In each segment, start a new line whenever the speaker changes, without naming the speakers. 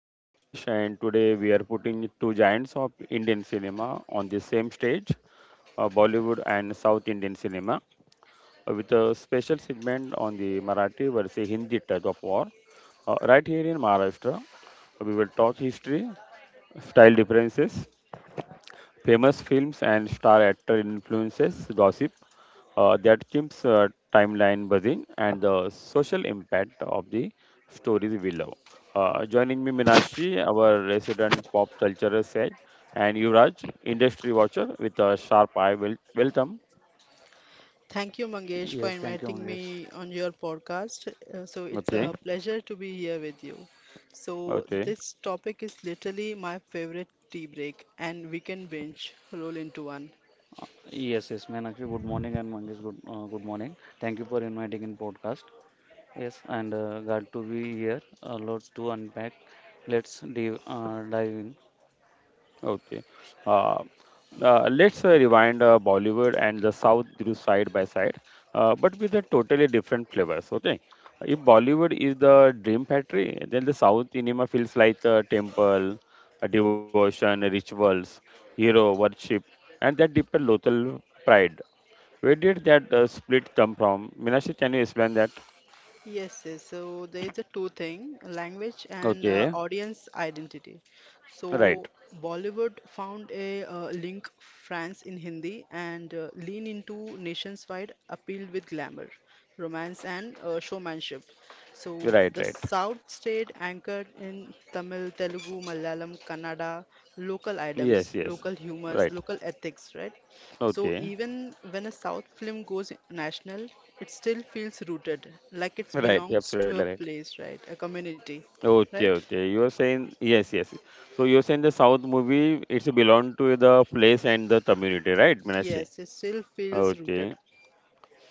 I'm Manjesh, and today we are putting two giants of Indian cinema on the same stage Bollywood and South Indian cinema, with a special segment on the Marathi versus Hindi tug of war. Right here in Maharashtra, we will talk history, style differences, famous films, and star actor influences, gossip. That keeps timeline buzzing and the social impact of the stories we love. Joining me, Minashi, our resident pop culture sage, and Yuvraj, industry watcher with a sharp eye. Welcome.
Thank you, Mangesh, for
Yes, thank you,
inviting
Mangesh.
me on your podcast. So it's
Okay,
a pleasure to be here with you. So
okay.
this topic is literally my favorite tea break and weekend binge roll into one.
Yes, yes, Meenakshi, good morning, and Mangesh, good morning. Thank you for inviting in podcast. Yes, and glad to be here. Lots to unpack. Let's dive in.
Okay. Uh, let's rewind Bollywood and the South grew side by side, but with a totally different flavors. Okay. If Bollywood is the dream factory, then the South cinema feels like a temple, a devotion, rituals, hero worship, and that deeper local pride. Where did that split come from? Minashi, can you explain that?
Yes, yes. So there is a two thing, language and
Okay.
audience identity. So
Right.
Bollywood found a link France in Hindi and lean into nationwide appeal with glamour, romance and showmanship. So
Right. Right.
the South stayed anchored in Tamil, Telugu, Malayalam, Kannada, local items,
Yes. Yes.
local humors,
Right.
local ethics, right? So
Okay.
even when a South film goes national, it still feels rooted, like it
Right.
belongs
Absolutely
to a
right.
place, right? A community,
Okay,
right?
okay. You are saying yes, yes. So you're saying the South movie it's belong to the place and the community, right, Meenakshi?
Yes, it still feels rooted.
Okay,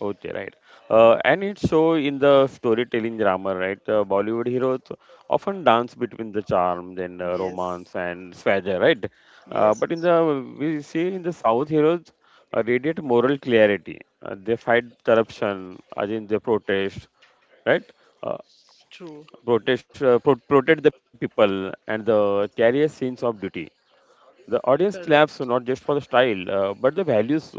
okay, right. And it show in the storytelling drama, right? Bollywood heroes often dance between the charm and
Yes,
romance and swagger, right?
yes,
But in the we see in the South heroes radiate moral clarity. They fight corruption, I think they protest, right? Uh,
it's true,
Protect the people and the carrier scenes of duty. The audience claps not
correct.
just for the style, but the values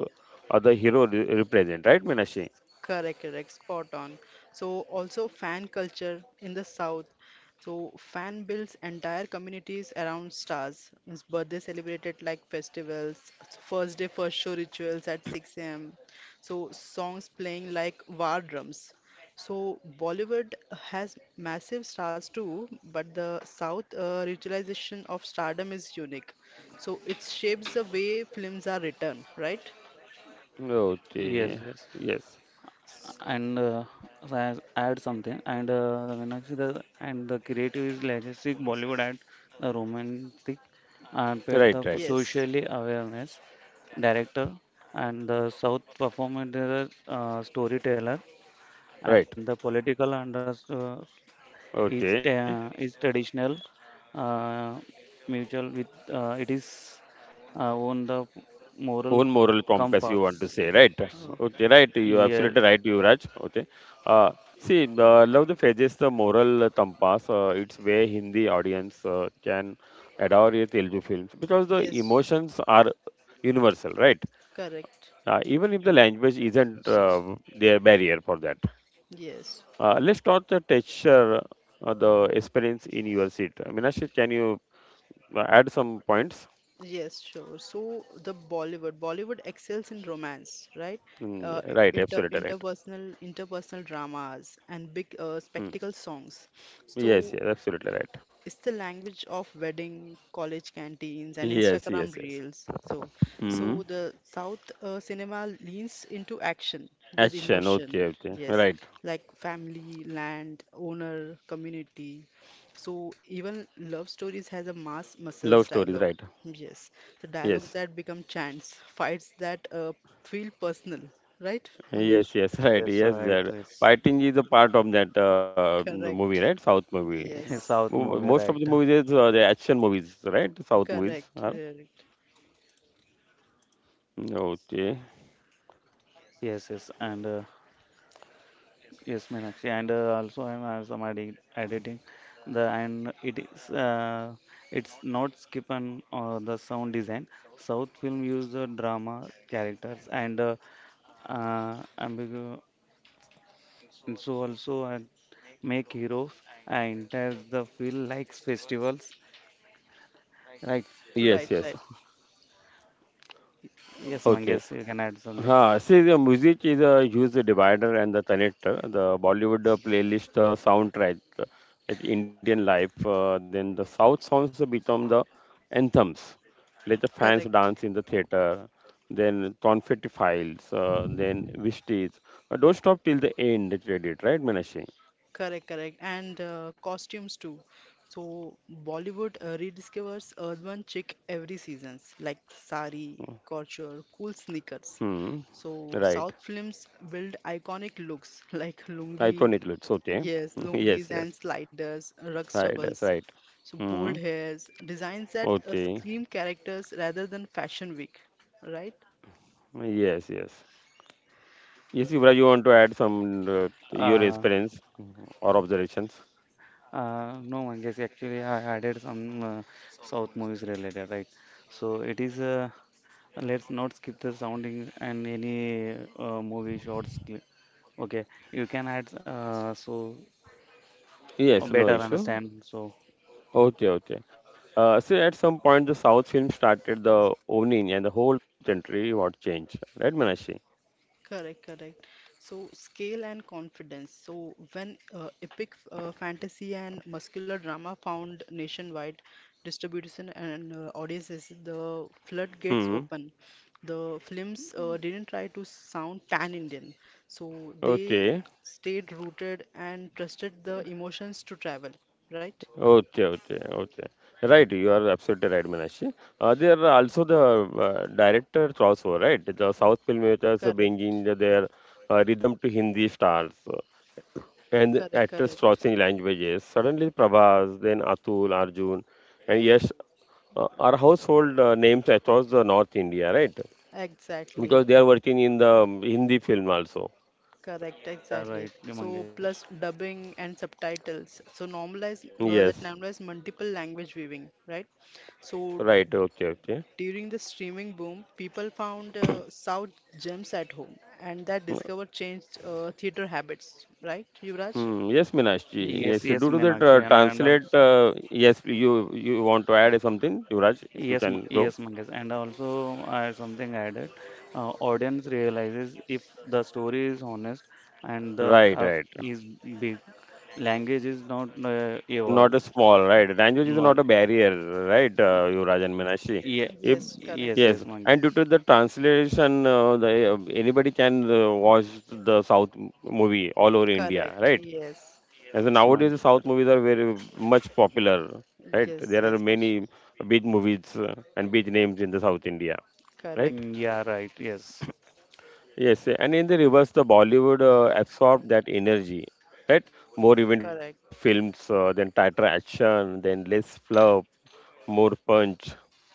of the hero represent, right, Minashi?
Correct, correct, spot on. So also fan culture in the South. So fan builds entire communities around stars. His birthday celebrated like festivals, so first day first show rituals at 6 a.m. So songs playing like war drums. So Bollywood has massive stars too, but the South ritualization of stardom is unique. So it shapes the way films are written, right?
Yes,
Okay.
yes.
Yes.
And so I add something. And Meenakshi, and the creative is legacy Bollywood and the romantic and pet
Right,
the
right,
Yes.
socially awareness director and the South performer storyteller
right.
and the political understood is
Okay.
ta- is traditional uh, mutual with it is on the moral
Own moral compass, you
compass.
want to say, right?
Oh.
Okay, right. You're
Yeah,
absolutely right, Yuvraj. Okay. Uh, See, love the Phases, the moral compass, it's where Hindi audience can adore a Telugu films because the
Yes.
emotions are universal, right?
Correct.
Even if the language isn't
yes, yes,
their barrier for that.
Yes.
Let's talk the texture, the experience in your seat. Meenakshi, can you add some points?
Yes, sure. So the Bollywood excels in romance, right? Uh,
Mm,
i-
right,
inter
absolutely right.
interpersonal interpersonal dramas and big
Mm,
spectacle songs.
yes,
So
yes, absolutely right.
it's the language of wedding, college canteens, and
Yes,
Instagram
yes, yes.
reels. So,
Mm,
so the South cinema leans into action with
action, okay,
emotion.
okay,
Yes,
right.
like family, land, owner, community. So even love stories has a mass
Love
muscles
stories, right.
dialogue. Yes, the
Yes,
dialogues that become chants, fights that feel personal. Right,
yes,
Mangesh?
yes, right.
yes,
Yes,
right,
that
yes.
fighting is a part of that movie, right?
Correct.
South movie.
Yes.
Mo-
South
Most
movie,
of the
right?
movies is the action movies, right? South movies
Correct.
are.
Correct.
Okay.
Yes, yes, and yes, Meenakshi, and also I'm adding, editing the and it's not skip on the sound design. South film use the drama characters and ambigu and so also I make heroes and there's the feel like festivals, right?
Right.
Yes,
Right.
yes.
Yes,
Okay.
Mangesh, you can add something.
Huh. See, the music is a huge divider and the connector. The Bollywood playlist soundtrack, like Indian life, then the South songs become the anthems. Let the fans dance
Correct.
in the theater. Then confetti files. Then wishes. Don't stop till the end credit, right, Meenakshi?
Correct, correct, and costumes too. So Bollywood rediscovers urban chic every seasons, like sari, culture, cool sneakers.
Hmm.
So
Right.
South films build iconic looks like lungi,
Iconic looks. Okay.
yes,
yes,
lungis
yes.
and sliders, rug
Right. That's
stubbles,
right.
so bold
Hmm.
hairs, designs that
Okay.
scream characters rather than fashion week, right?
Yes, yes. Yes, Yuvraj, you want to add some your
Uh,
experience, or observations?
no, Mangesh, actually I added some South movies related, right? So it is let's not skip the sounding and any movie shorts. Okay, you can add so better
Yes, no issue.
understand. So
Okay, okay. See, at some point, the South film started the owning, and the whole country what changed, right, Manashi?
Correct, correct. So, scale and confidence. So, when epic fantasy and muscular drama found nationwide distribution and audiences, the floodgates
Hmm.
open. The films didn't try to sound pan-Indian, so they
Okay.
stayed rooted and trusted the emotions to travel, right?
Okay. Okay. Okay. Right. You are absolutely right, Manashi. There are also the directors also, right? The South filmmakers are
Correct,
bringing their rhythm to Hindi stars, and
correct,
actors
correct.
crossing languages. Suddenly, Prabhas, then Atul, Arjun, and yes, are household names across the North India, right?
Exactly.
Because they are working in the Hindi film also.
Correct,
yeah,
exactly.
right,
So
Mangesh.
plus dubbing and subtitles. So normalize that
Yes,
normalize multiple language viewing, right? So
right. Okay, okay.
during the streaming boom, people found South gems at home, and that discover changed theater habits, right, Yuvraj?
Hmm, yes, Meenakshi.
Yes,
Yes,
yes,
due to the
Meenakshi, and
translate, yes, you want to add something, Yuvraj? You
yes,
can go.
yes, Mangesh, and also something added. Audience realizes if the story is honest and the
Right,
craft
right.
is big, language is not
Not
evolved.
a small right, language is
No,
not a barrier, right, Yuvraj and Meenakshi.
yeah,
If
Yes,
yes,
correct,
yes,
yes,
and due
Mangesh.
to the translation, anybody can watch the South movie all over India,
correct.
right?
Yes,
As
Yes,
nowadays the
Mangesh.
South movies are very much popular, right?
yes,
There are
yes. Much
many big movies and big names in the South India, right?
correct,
Mm, yeah, right. Yes.
Yes, and in the reverse, the Bollywood absorbed that energy, right? More event
correct.
films, then tighter action, then less fluff, more punch.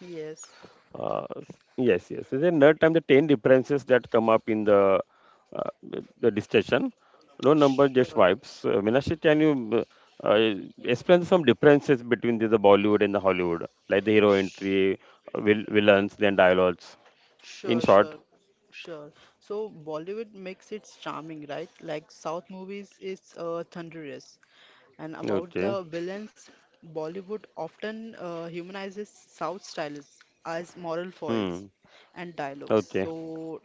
Yes,
Yes, yes. And then third time, the 10 differences that come up in the discussion. No number, just
sure.
vibes. Meenakshi, can you uh, uh, explain some differences between the Bollywood and the Hollywood, like the hero entry, villains, then dialogues? In
Sure,
short,
sure, sure. So Bollywood makes it charming, right? Like South movies is thunderous. And about
okay.
the villains, Bollywood often humanizes South stylists as moral foils
Hmm.
and dialogues.
Okay.
So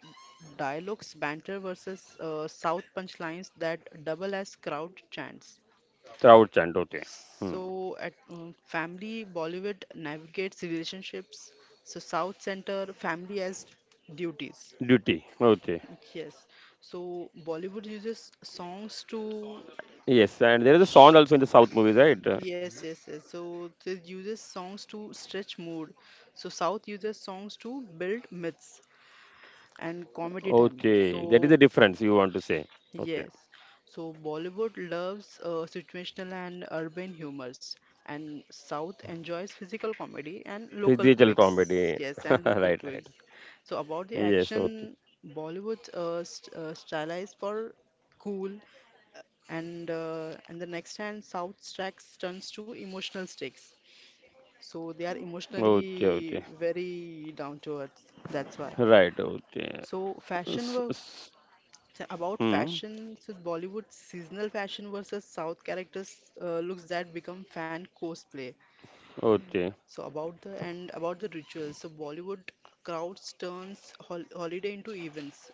dialogues banter versus South punchlines that double as crowd chants.
Trout chant, okay. Hmm.
So at family, Bollywood navigates relationships. So South center family as duties.
Duty, okay.
Yes. So Bollywood uses songs
Yes, and there is
to
a song also in the South movies,
sh
right?
yes, yes, yes. So they uses songs to stretch mood. So South uses songs to build myths and comedy timing.
Okay, that is the
So
difference you want to say. Okay,
yes. So Bollywood loves situational and urban humors, and South enjoys physical comedy and local
physical comedy.
quirks. Yes, and local
right, right.
quirks. So about the
Yes, okay.
action, Bollywood st stylized for cool, and the next hand south stacks turns to emotional stakes so they are
Okay, okay.
emotionally very down to earth that's why
Right, okay.
so
S-
fashion were
s-
about
hmm.
fashion so bollywood seasonal fashion versus south characters looks that become fan cosplay
Okay,
so about the and about the rituals so bollywood crowds turns holiday into events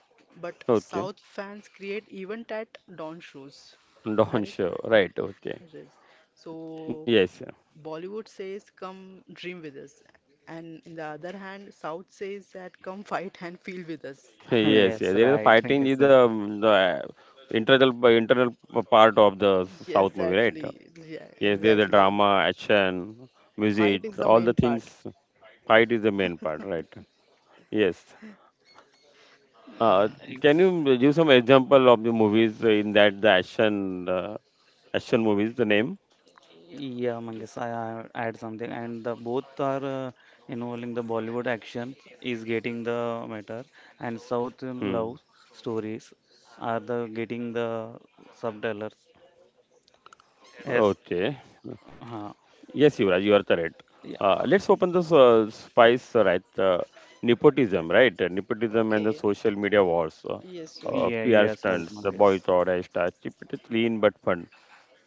but
okay.
south fans create event at dawn shows
Don
right.
show, right, okay.
Yes. So
Yes, yeah.
Bollywood says, come dream with us. And in the other hand, South says that come fight and feel with us, right?
Yes, yeah.
Yes,
There is a
right.
fighting is
Yes.
the,
Eh.
the internal part of the
Yes,
South movie, right?
exactly. Yeah,
Yes, there's a
exactly.
drama, action,
Fight
music,
is the
all the
main part.
things. Fight is the main part, right? Yes. Uh, can
Ex-
you give some example of the movies in that the action movies? The name?
Yeah, Mangesh,
Yes.
I add something, and the both are involving the Bollywood action is getting the matter, and South
Hmm.
love stories are the getting the subtitles. Yes,
Okay.
huh.
Yes, Yuvraj, you are correct.
Yeah,
Let's open this spice, right? Nepotism, right? Nepotism and the
Okay.
social media wars,
Yes, yes.
yeah,
PR
yes, right,
stunts, the
Mangesh.
boycott, hashtag, keep it clean but fun.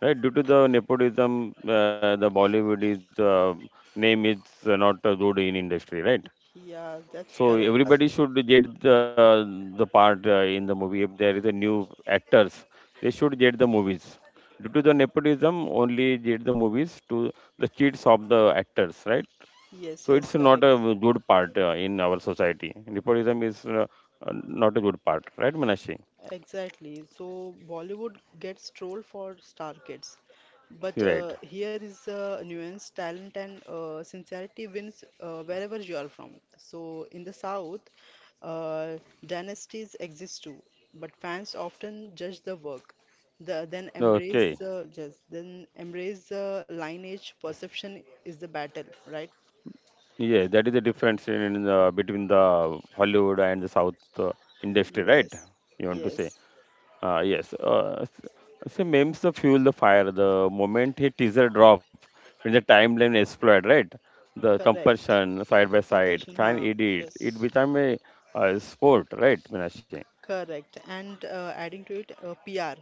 Right, due to the nepotism, the Bollywood is name is not good in industry, right?
Yeah, that's
So
correct.
Yes,
everybody should get the part in the movie. If there is a new actors, they should get the movies. Due to the nepotism, only get the movies to the kids of the actors, right?
Yes,
So
yes,
it's not
correct.
a good part in our society. Nepotism is not a good part, right, Manashi?
Exactly. So Bollywood gets trolled for star kids, but
Right.
here is a nuance: talent and sincerity wins wherever you are from. So in the South, uh, dynasties exist too, but fans often judge the work, then
Okay.
embrace just then embrace the lineage. Perception is the battle, right?
Yeah, that is the difference in the between the Hollywood and the South industry, right?
Yes,
You want to say?
yes,
Yes. So memes the fuel the fire. The moment a teaser drop, when the timeline explode, right? The
correct.
comparison side by side,
Compassion,
fan
huh?
edits, it
Yes.
become a sport, right, Minashi?
Correct. And adding to it, PR.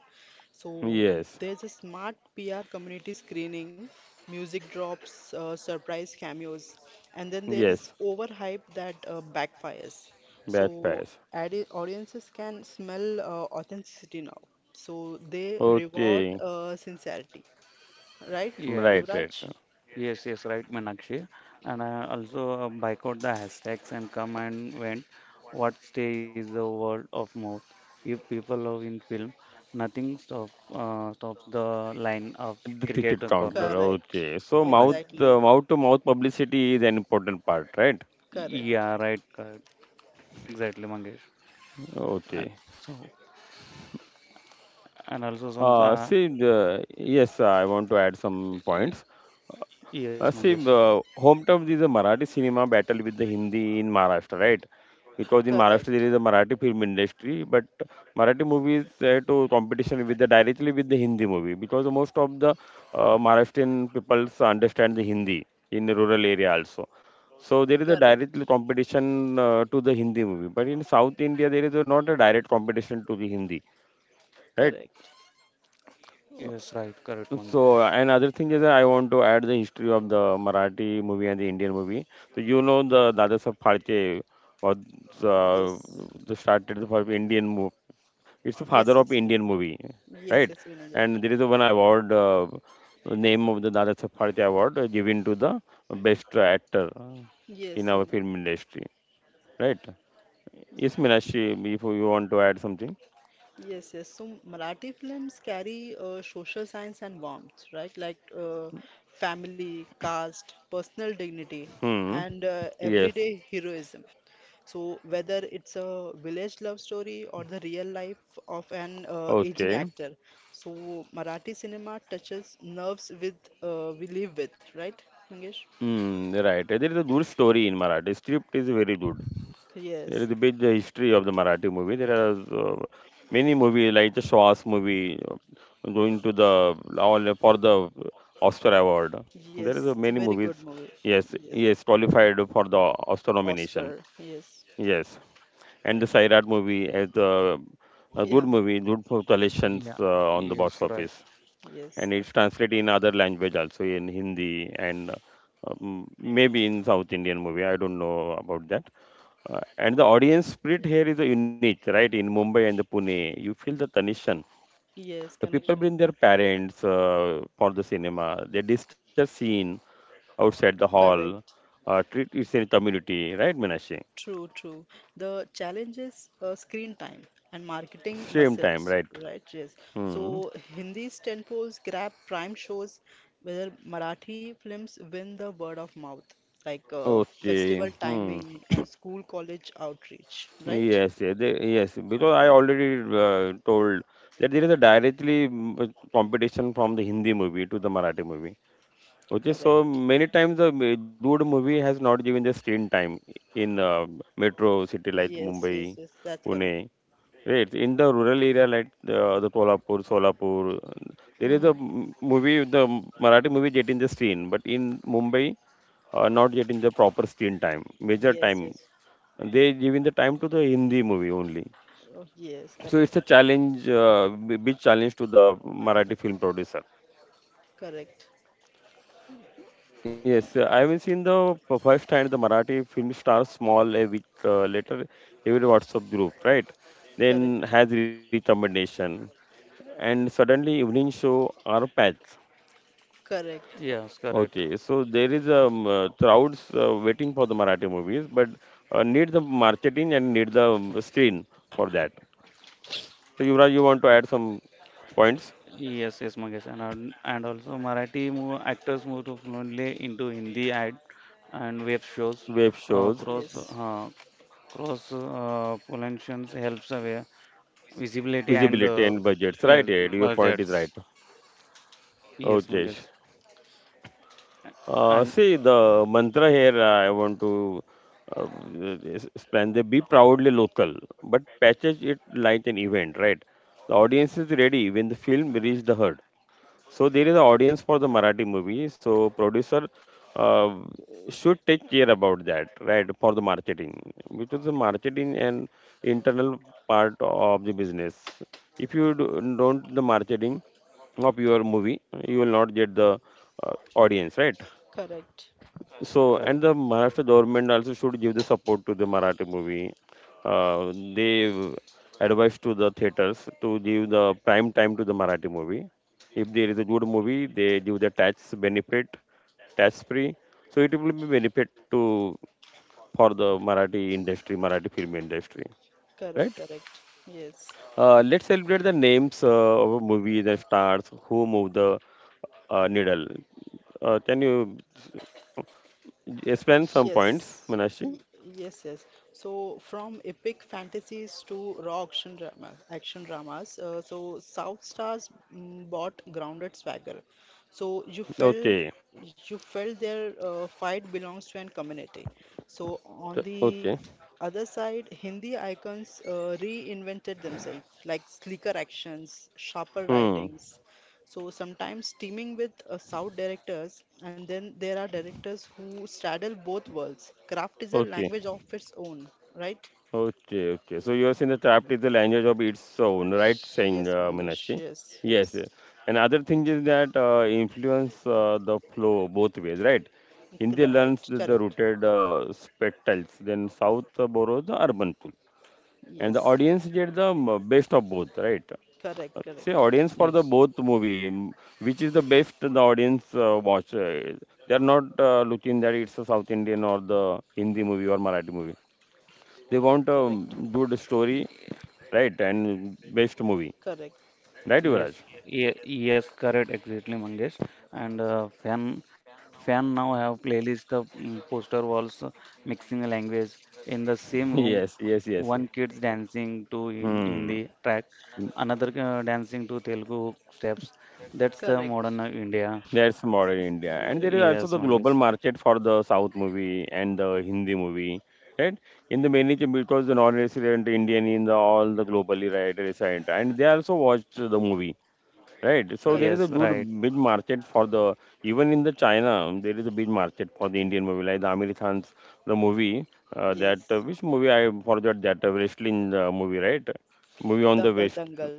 So
Yes,
there's a smart PR community screening, music drops, surprise cameos, and then there is
yes,
overhype that backfires.
batch
So
pass.
audiences can smell authenticity now. So they reward
Okay,
sincerity, right,
right, right.
yes,
Yuvraj?
yes, yes, right, Meenakshi. And I also boycott the hashtags and come and went. What stay is the word of mouth. If people love in film, nothing stops the line of
The
cricket
ticket
corner.
counter.
Correct.
Okay, so
Right?
Exactly.
mouth to mouth publicity is an important part, right?
Correct.
Yeah, right, correct. Exactly, Mangesh. And
Okay.
so, and also some
See, yes, I want to add some
y-
points.
yes, Mangesh.
See, home terms is a Marathi cinema battle with the Hindi in Maharashtra, right? Because in Maharashtra there
Correct.
is a Marathi film industry, but Marathi movies to competition with the directly with the Hindi movie because most of the Maharashtrian peoples understand the Hindi in the rural area also. So there is a
Correct.
direct competition to the Hindi movie, but in South India there is not a direct competition to the Hindi, right?
Correct.
Yes, right, correct, Mangesh.
So another thing is that I want to add the history of the Marathi movie and the Indian movie. So you know the Dadasaheb Phalke was uh,
Yes,
the started the first Indian movie. It's the father
yes,
of
yes, we know.
Indian movie,
Yes,
right?
yes, we know that.
And there is a one award name of the Dadasaheb Phalke award given to the best actor in
Yes,
our
we know.
film industry, right? Yes, Meenakshi, if you want to add something.
Yes, yes. So Marathi films carry social science and warmth, right? Like family, caste, personal dignity,
Hmm.
and
Yes.
everyday heroism. So whether it's a village love story or the real life of an aging
Okay.
actor, so Marathi cinema touches nerves with we live with, right, Mangesh?
Hmm, right. There is a good story in Marathi. Script is very good. There
Yes,
is a big history of the Marathi movie. There are uh, many movies like the Shwas movie going to the all for the Oscar award. There is
yes.
a
It's a
many
very
movies.
good movie.
Yes,
Yes.
yes, qualified for the Oscar nomination.
Oscar, yes.
Yes, and the Sairat movie as the a good
Yeah,
movie, good for collections
Yeah,
on the
yes,
box
right.
office
yes.
and it's translated in other language also in Hindi and maybe in South Indian movie. I don't know about that. And the audience spirit here is unique, right? In Mumbai and the Pune, you feel the tension.
Yes,
The people bring
connection.
their parents for the cinema. They discuss scene outside the hall.
Correct.
Treat it in community, right, Minashi?
True, true. The challenge is screen time and marketing
Same time,
muscles,
right?
right? Yes.
Hmm.
So Hindi's tentpoles grab prime shows, whether Marathi films win the word of mouth, like
Okay.
festival
Hmm.
timing and school college outreach, right?
Yes, yes, they, yes. Because I already told that there is a directly competition from the Hindi movie to the Marathi movie. Okay, so
Correct.
many times the dude movie has not given the screen time in metro city like
Yes, yes,
Mumbai,
yes. That's correct.
Pune. Right, in the rural area like the Tolapur, Solapur, there is
Hmm.
a movie, the Marathi movie getting the screen, but in Mumbai, not getting the proper screen time, major
Yes,
time.
yes.
They giving the time to the Hindi movie only
Oh, yes,
so it's
correct.
a challenge, big challenge to the Marathi film producer.
Correct.
Yes, I have seen the first time the Marathi film star small a week later every WhatsApp group, right?
Correct.
Then has recommendation and suddenly evening show are patched.
Correct.
Yes, correct.
Okay, so there is a crowds waiting for the Marathi movies, but need the marketing and need the screen for that. So Yuvraj, you want to add some points?
Yes, yes, Mangesh, and also Marathi move, actors moved fluently into Hindi ad and web shows.
Web shows.
Cross
Yes.
pollinations helps away visibility and
Visibility and budgets,
yes
right Ed? Your point is
budgets.
right, oh
Yes,
Jesh.
Mangesh, and
See, the mantra here I want to uh, explain, the be proudly local, but patches it like an event, right? The audience is ready when the film reaches the herd. So there is an audience for the Marathi movie. So producer uh, should take care about that, right? For the marketing, because the marketing and internal part of the business. If you don't the marketing of your movie, you will not get the audience, right?
Correct.
So,
correct,
and
correct.
the Maharashtra government also should give the support to the Marathi movie. They advise to the theaters to give the prime time to the Marathi movie. If there is a good movie, they give the tax benefit, tax free. So it will be benefit to for the Marathi industry, Marathi film industry,
Correct.
right?
Correct. Yes.
Let's celebrate the names of movies and stars who move the needle. Can you explain some
Yes,
points, Manashi?
y- yes, So from epic fantasies to raw action dramas, so South Stars bought grounded swagger. So you
Okay.
felt their fight belongs to an community. So on
Okay.
the other side, Hindi icons reinvented themselves, like sleeker actions, sharper
Hmm.
writings, so sometimes teaming with South directors, and then there are directors who straddle both worlds. Craft is a
Okay.
language of its own, right?
Okay. Okay. So you are saying the trapped is the language of its own, right, saying
Yes, Mangesh.
Minashi?
Yes, yes.
Yes. Yes. Another thing is that influence the flow both ways, right? Hindi
Right.
learns the,
Correct.
rooted spectacles, then South borrows the urban tool, and the
Yes.
audience get the best of both, right?
Correct.
See,
Correct.
audience for the
Yes.
both movie, mm, which is the best the audience watch. They are not looking that it's a South Indian or the Hindi movie or Marathi movie. They want a
Correct.
good story, right? And best movie,
Correct.
right,
Yes,
Yuvraj?
yes, correct, exactly, Mangesh. And fan now have playlist of poster walls, mixing language in the same room.
Yes, yes,
One
yes, yes.
kid's dancing to in Hindi
Hmm.
track, another dancing to Telugu steps. That's the
Correct.
modern India.
That's modern India, and there is
Yes.
also
Yes,
the
Mangesh.
global market for the South movie and the Hindi movie, right? In the mainly because the non-resident Indian in the all the globally right resident, and they also watch the movie. Right. So there is
Correct.
a
Yes,
good
right.
big market for the even in the China there is a big market for the Indian movie like the Amir Khan's the movie that
Yes.
which movie I forgot, that wrestling movie, right? Movie on the
Dangal.
wrist,
Dangal.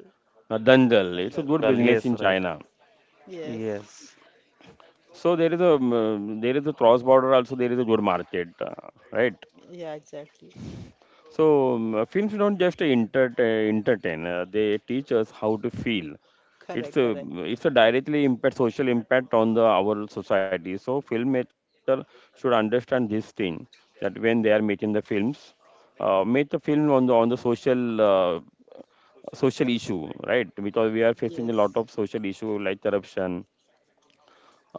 Dangal. It's a
Dangal.
good
Dangal.
Right.
business
Yes,
in
right.
China.
Yes.
Yes,
So there is a cross border also, there is a good market right.
Yeah. Exactly.
So films don't just entertain. They teach us how to feel. It's
Correct.
a
Correct.
directly impact social impact on the our society. So filmmaker should understand this thing that when they are making the films, make the film on the social social issue, right? Because we are facing a lot
Yes.
of social issue like corruption.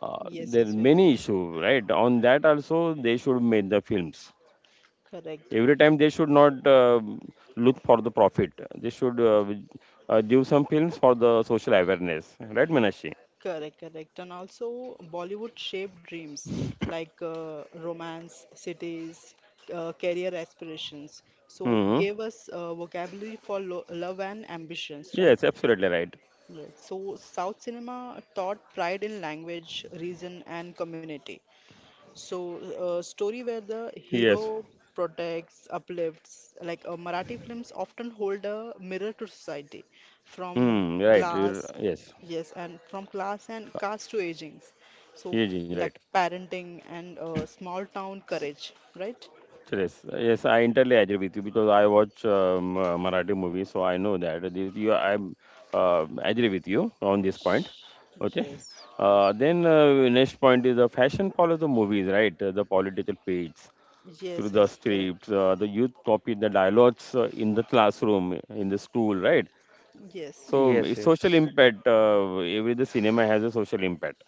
Yes.
There are
Yes.
many issue, right? On that also they should make the films
Correct.
every time. They should not look for the profit. They should give some films for the social awareness, right Manashi?
Correct, correct. And also, Bollywood shaped dreams like romance, cities, career aspirations. So,
Hmm.
gave us vocabulary for lo love and ambitions, right?
Yes, absolutely right.
Right. So, South cinema taught pride in language, region, and community. So, a story where the
Yes.
hero protects, uplifts, like Marathi films often hold a mirror to society, from
Hmm, right. You're,
class,
yes,
yes, and from class and caste to aging. So,
aging, right.
like parenting and small town courage, right?
Yes, yes, I entirely agree with you because I watch Marathi movies, so I know that this. I agree with you on this point.
Sh- Yes,
Okay.
yes,
Then next point is the fashion follows the movies, right? The political page through
yes,
the
yes, correct.
scripts. The youth copied the dialogues in the classroom, in the school, right?
Yes,
So
yes,
it's social
yes,
impact. Every the cinema has a social impact,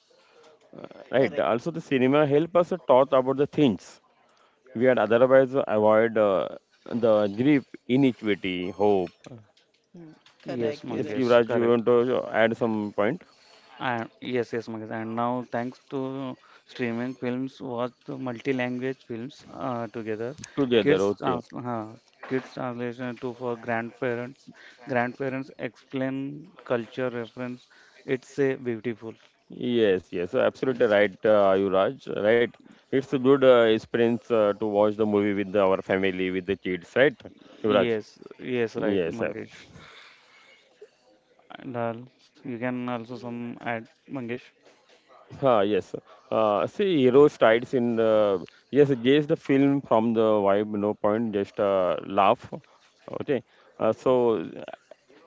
uh, right?
correct.
Also, the cinema help us to talk about the things we had otherwise avoid, the grief, iniquity, hope.
Hmm. Correct,
yes,
Yes,
correct,
Mangesh.
Yuvraj, you
Correct.
want to add some point
Yes, yes, Mangesh. And now, thanks to streaming films, watch the multi-language films together.
together?
Kids,
Okay.
trans uh, kids translation to for grandparents. Grandparents explain culture reference. It's a beautiful.
Yes, yes, absolutely
Yes,
right, Yuvraj. Right, it's a good experience to watch the movie with our family, with the kids, right, Yuvraj?
yes, yes, right,
Yes,
Mangesh. And you can also some add, Mangesh.
yes. See, heroes strides in the yes, gauge the film from the vibe. No point, just laugh. Okay, so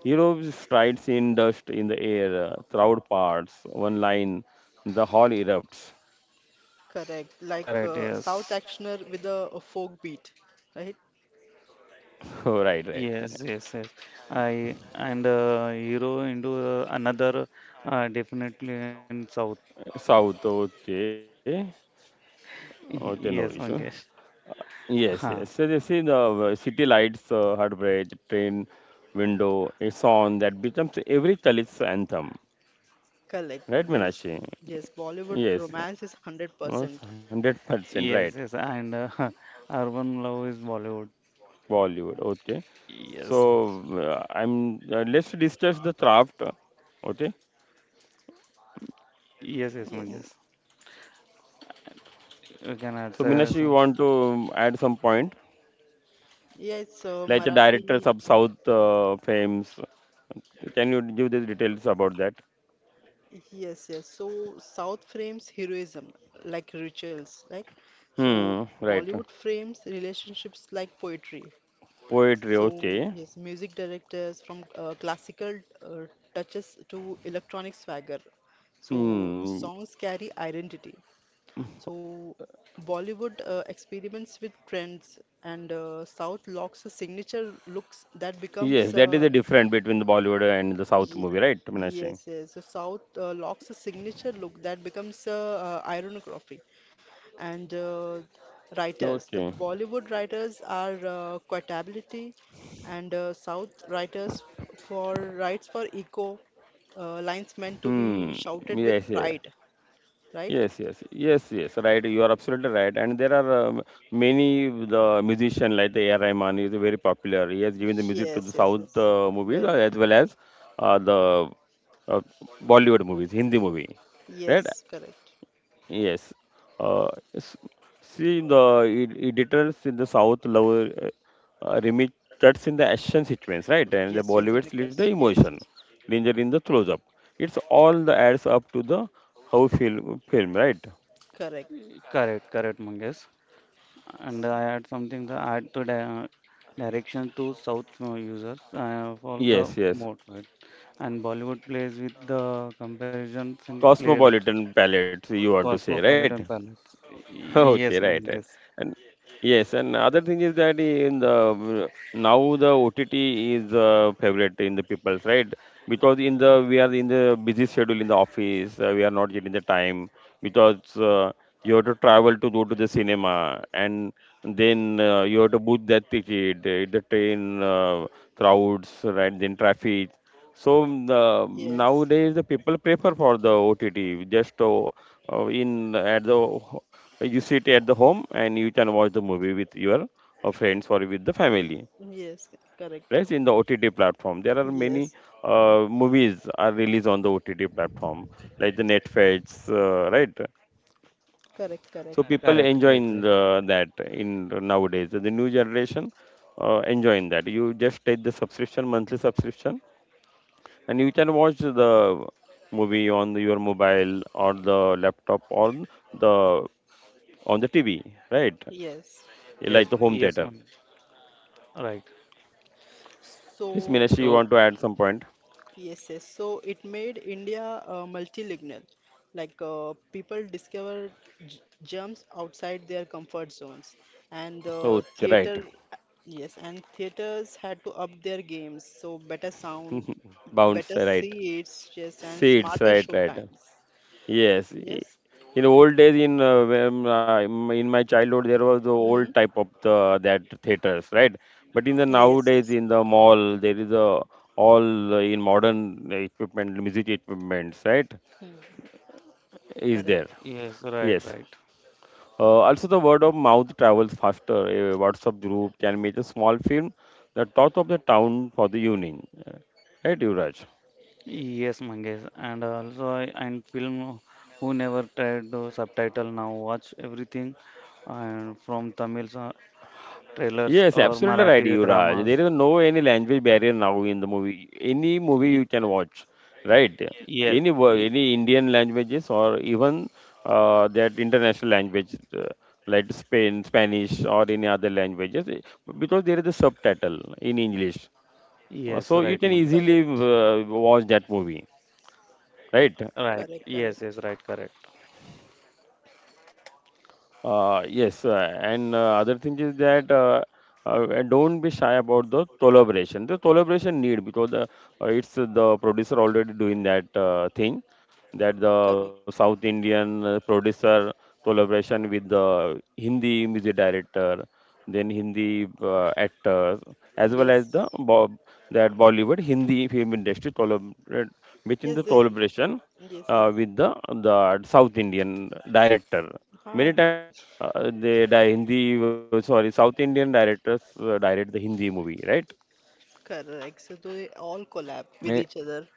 heroes strides in dust in the air, crowd parts, one line, the hall erupts.
correct. Like
Correct.
South
Yes.
actioner with a folk beat, right?
Right, right.
Yes, yes, yes. I and hero into another definitely in South.
South, okay, okay, no
Yes,
issue.
Mangesh.
Yes, yes.
Huh.
So they see the city lights, heartbreak, train window, a song that becomes every Dalit's anthem.
Correct.
Right,
Well,
Minashi?
yes, Bollywood
Yes, yes,
romance is 100%.
100% right.
Yes, yes, and Urban Love is Bollywood.
Bollywood, okay.
Yes,
So I'm let's discuss the craft, okay.
yes, yes,
Yes.
Mangesh. You can
So
add
Minashi, you
some.
want to add some point,
Yes, So
like the
Marathi.
directors of South fames. Can you give the details about that?
Yes, yes. So South frames heroism like rituals, like so
Hmm, right.
Bollywood frames relationships like poetry.
Poetry,
So
okay.
yes, music directors from classical uh, touches to electronic swagger. So
Hmm.
songs carry identity. So, Bollywood experiments with trends, and South locks a signature looks that
Yes,
becomes
that is the difference between the Bollywood and the South
ye
movie, right,
yes,
Minashi?
yes. So South locks a signature look that becomes ironography, and
Okay.
writers. The Bollywood writers are quotability, and South writers for writes for echo lines meant to be
Hmm.
shouted with
Yes, yes.
pride, right?
Yes, yes, yes, yes. Right, you are absolutely right. And there are many the musician like the A.R. Rahman is very popular. He has given the music to
Yes,
the
yes,
South
yes.
movies
Very.
as well as the uh, Bollywood movies, Hindi movie, right?
Yes, correct.
Yes. Uh, s- See the editors in the South love remit cuts in the action sequence, right? And the
Gesture is a
Bollywoods lead the
makers. Yes,
emotion,
yes.
danger in the close-up. It's all the adds up to the how film, right?
Correct.
Correct, correct, Mangesh. And I add something to add to the direction to South users for the
Yes, yes.
mode, right? And Bollywood plays with the comparisons in play
Cosmopolitan palette, you want to say, right?
Cosmopolitan Palace.
Okay,
Yes,
right, right.
Mangesh.
And yes, and other thing is that in the now the OTT is favorite in the people's, right? Because in the we are in the busy schedule in the office, we are not getting the time because you have to travel to go to the cinema and then you have to book that ticket, the train crowds, right? Then traffic. So
Yes.
nowadays the people prefer for the OTT just. In at the you sit at the home and you can watch the movie with your friends or with the family,
Yes, correct.
right? In the OTT platform, there are many
Yes.
movies are released on the OTT platform like the Netflix, right?
Correct, correct.
So people
Correct,
enjoying
exact.
the, that in nowadays the new generation enjoying that. You just take the subscription, monthly subscription, and you can watch the movie on your mobile or the laptop or the on the TV, right?
Yes.
Like the
Yes,
home theater.
yes, Mangesh. Right.
Yes,
So,
Meenakshi, you
Oh,
want to add some point?
yes, yes. So it made India multilingual. Like people discovered j jumps outside their comfort zones, and
Oh, right.
theater, yes, and theaters had to up their games. So better sound,
Bounce,
better
right.
seats, yes, and
Seeds,
smarter
right,
show
right.
times.
Yes.
Yes.
In the old days, in when, in my childhood, there was the old
Mm-hmm.
type of the, that theaters, right? But in the
Yes,
nowadays,
yes.
in the mall, there is a all in modern equipment, music equipments, right?
Hmm.
Is there?
Correct.
yes, right,
Yes.
right.
Also, the word of mouth travels faster. A WhatsApp group can make a small film, the talk of the town for the evening, right, Yuvraj?
Yes, Mangesh. And also, and film who never tried to subtitle now watch everything and from Tamil trailers
Yes,
or
absolutely right,
Marathi
Yuvraj. There
dramas.
is no any language barrier now in the movie. Any movie you
Y-
can watch, right?
Yes,
Any
y-
any Indian languages or even that international language like Spain, Spanish or any other languages, eh, because there is a subtitle in English. So
yes,
you
right,
can easily
Mangesh.
Correct.
watch that movie, right?
Right.
Correct.
Yes,
Correct.
yes, right, correct.
Yes, and other thing is that don't be shy about the collaboration. The collaboration need because the, it's the producer already doing that thing that the South
Correct.
Indian producer collaboration with the Hindi music director, then Hindi actors, as well as
Yes.
the Bo that Bollywood Hindi film industry collaborate within
Yes,
the
yes.
collaboration
Yes, yes.
with the the South Indian director.
Huh.
Many times Hindi, sorry, South Indian directors direct the Hindi movie, right?
Correct. So they all collab
Eh,
with each other.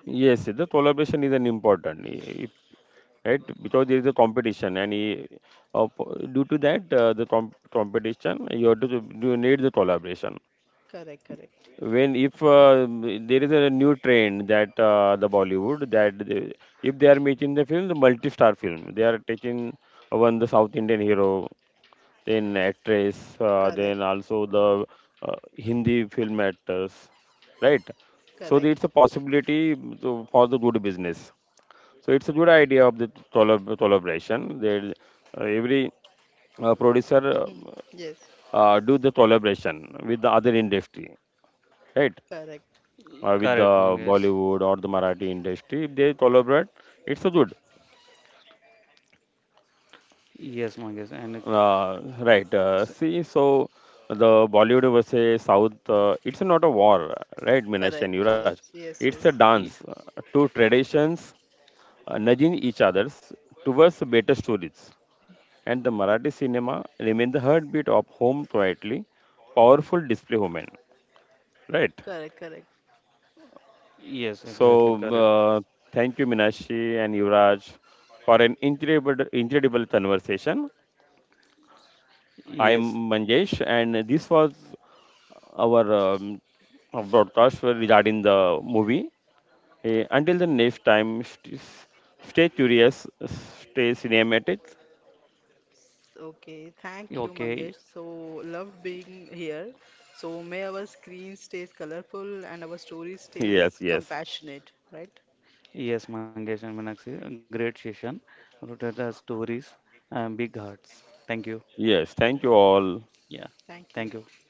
yes, the collaboration is an important, eh, right? Because there is a competition, and due to that the competition, you have to you need the collaboration.
Correct. Correct.
When if there is a new trend that the Bollywood, that they, if they are making the film, the multi-star film, they are taking one the South Indian hero, then actress, then
Correct.
also the Hindi film actors, right? So it's a
Correct.
possibility to, for the good business. So it's a good idea of the collaboration. There every producer
Mhm. Yes.
do the collaboration with the other industry, right?
Correct.
With the
Correct, Mangesh.
Bollywood or the Marathi industry. If they collaborate, it's a good.
Yes, Mangesh. And
Right. See,
s-
so the Bollywood versus South, it's not a war, right, Minash and
Correct.
Yuraj?
Yes. Yes.
It's a
Yes.
dance. Two traditions nudging each others towards better stories. And the Marathi cinema remains the heartbeat of home, quietly, powerful display woman, right?
Correct. Correct.
yes,
So
exactly correct.
uh, thank you, Minashi and Yuvraj, for an incredible conversation. I'm
Yes,
Manjesh, and this was our broadcast regarding the movie. Eh, until the next time, stay curious, stay cinematic.
Okay, thank you, Mangesh. So,
okay.
love being here. So, may our screen stays colorful and our story stays
Yes, yes,
compassionate, right?
Yes, Mangesh and Meenakshi, a great session. Rotated stories and big hearts. Thank you.
yes. Thank you all.
Yeah,
Thank you.
thank you.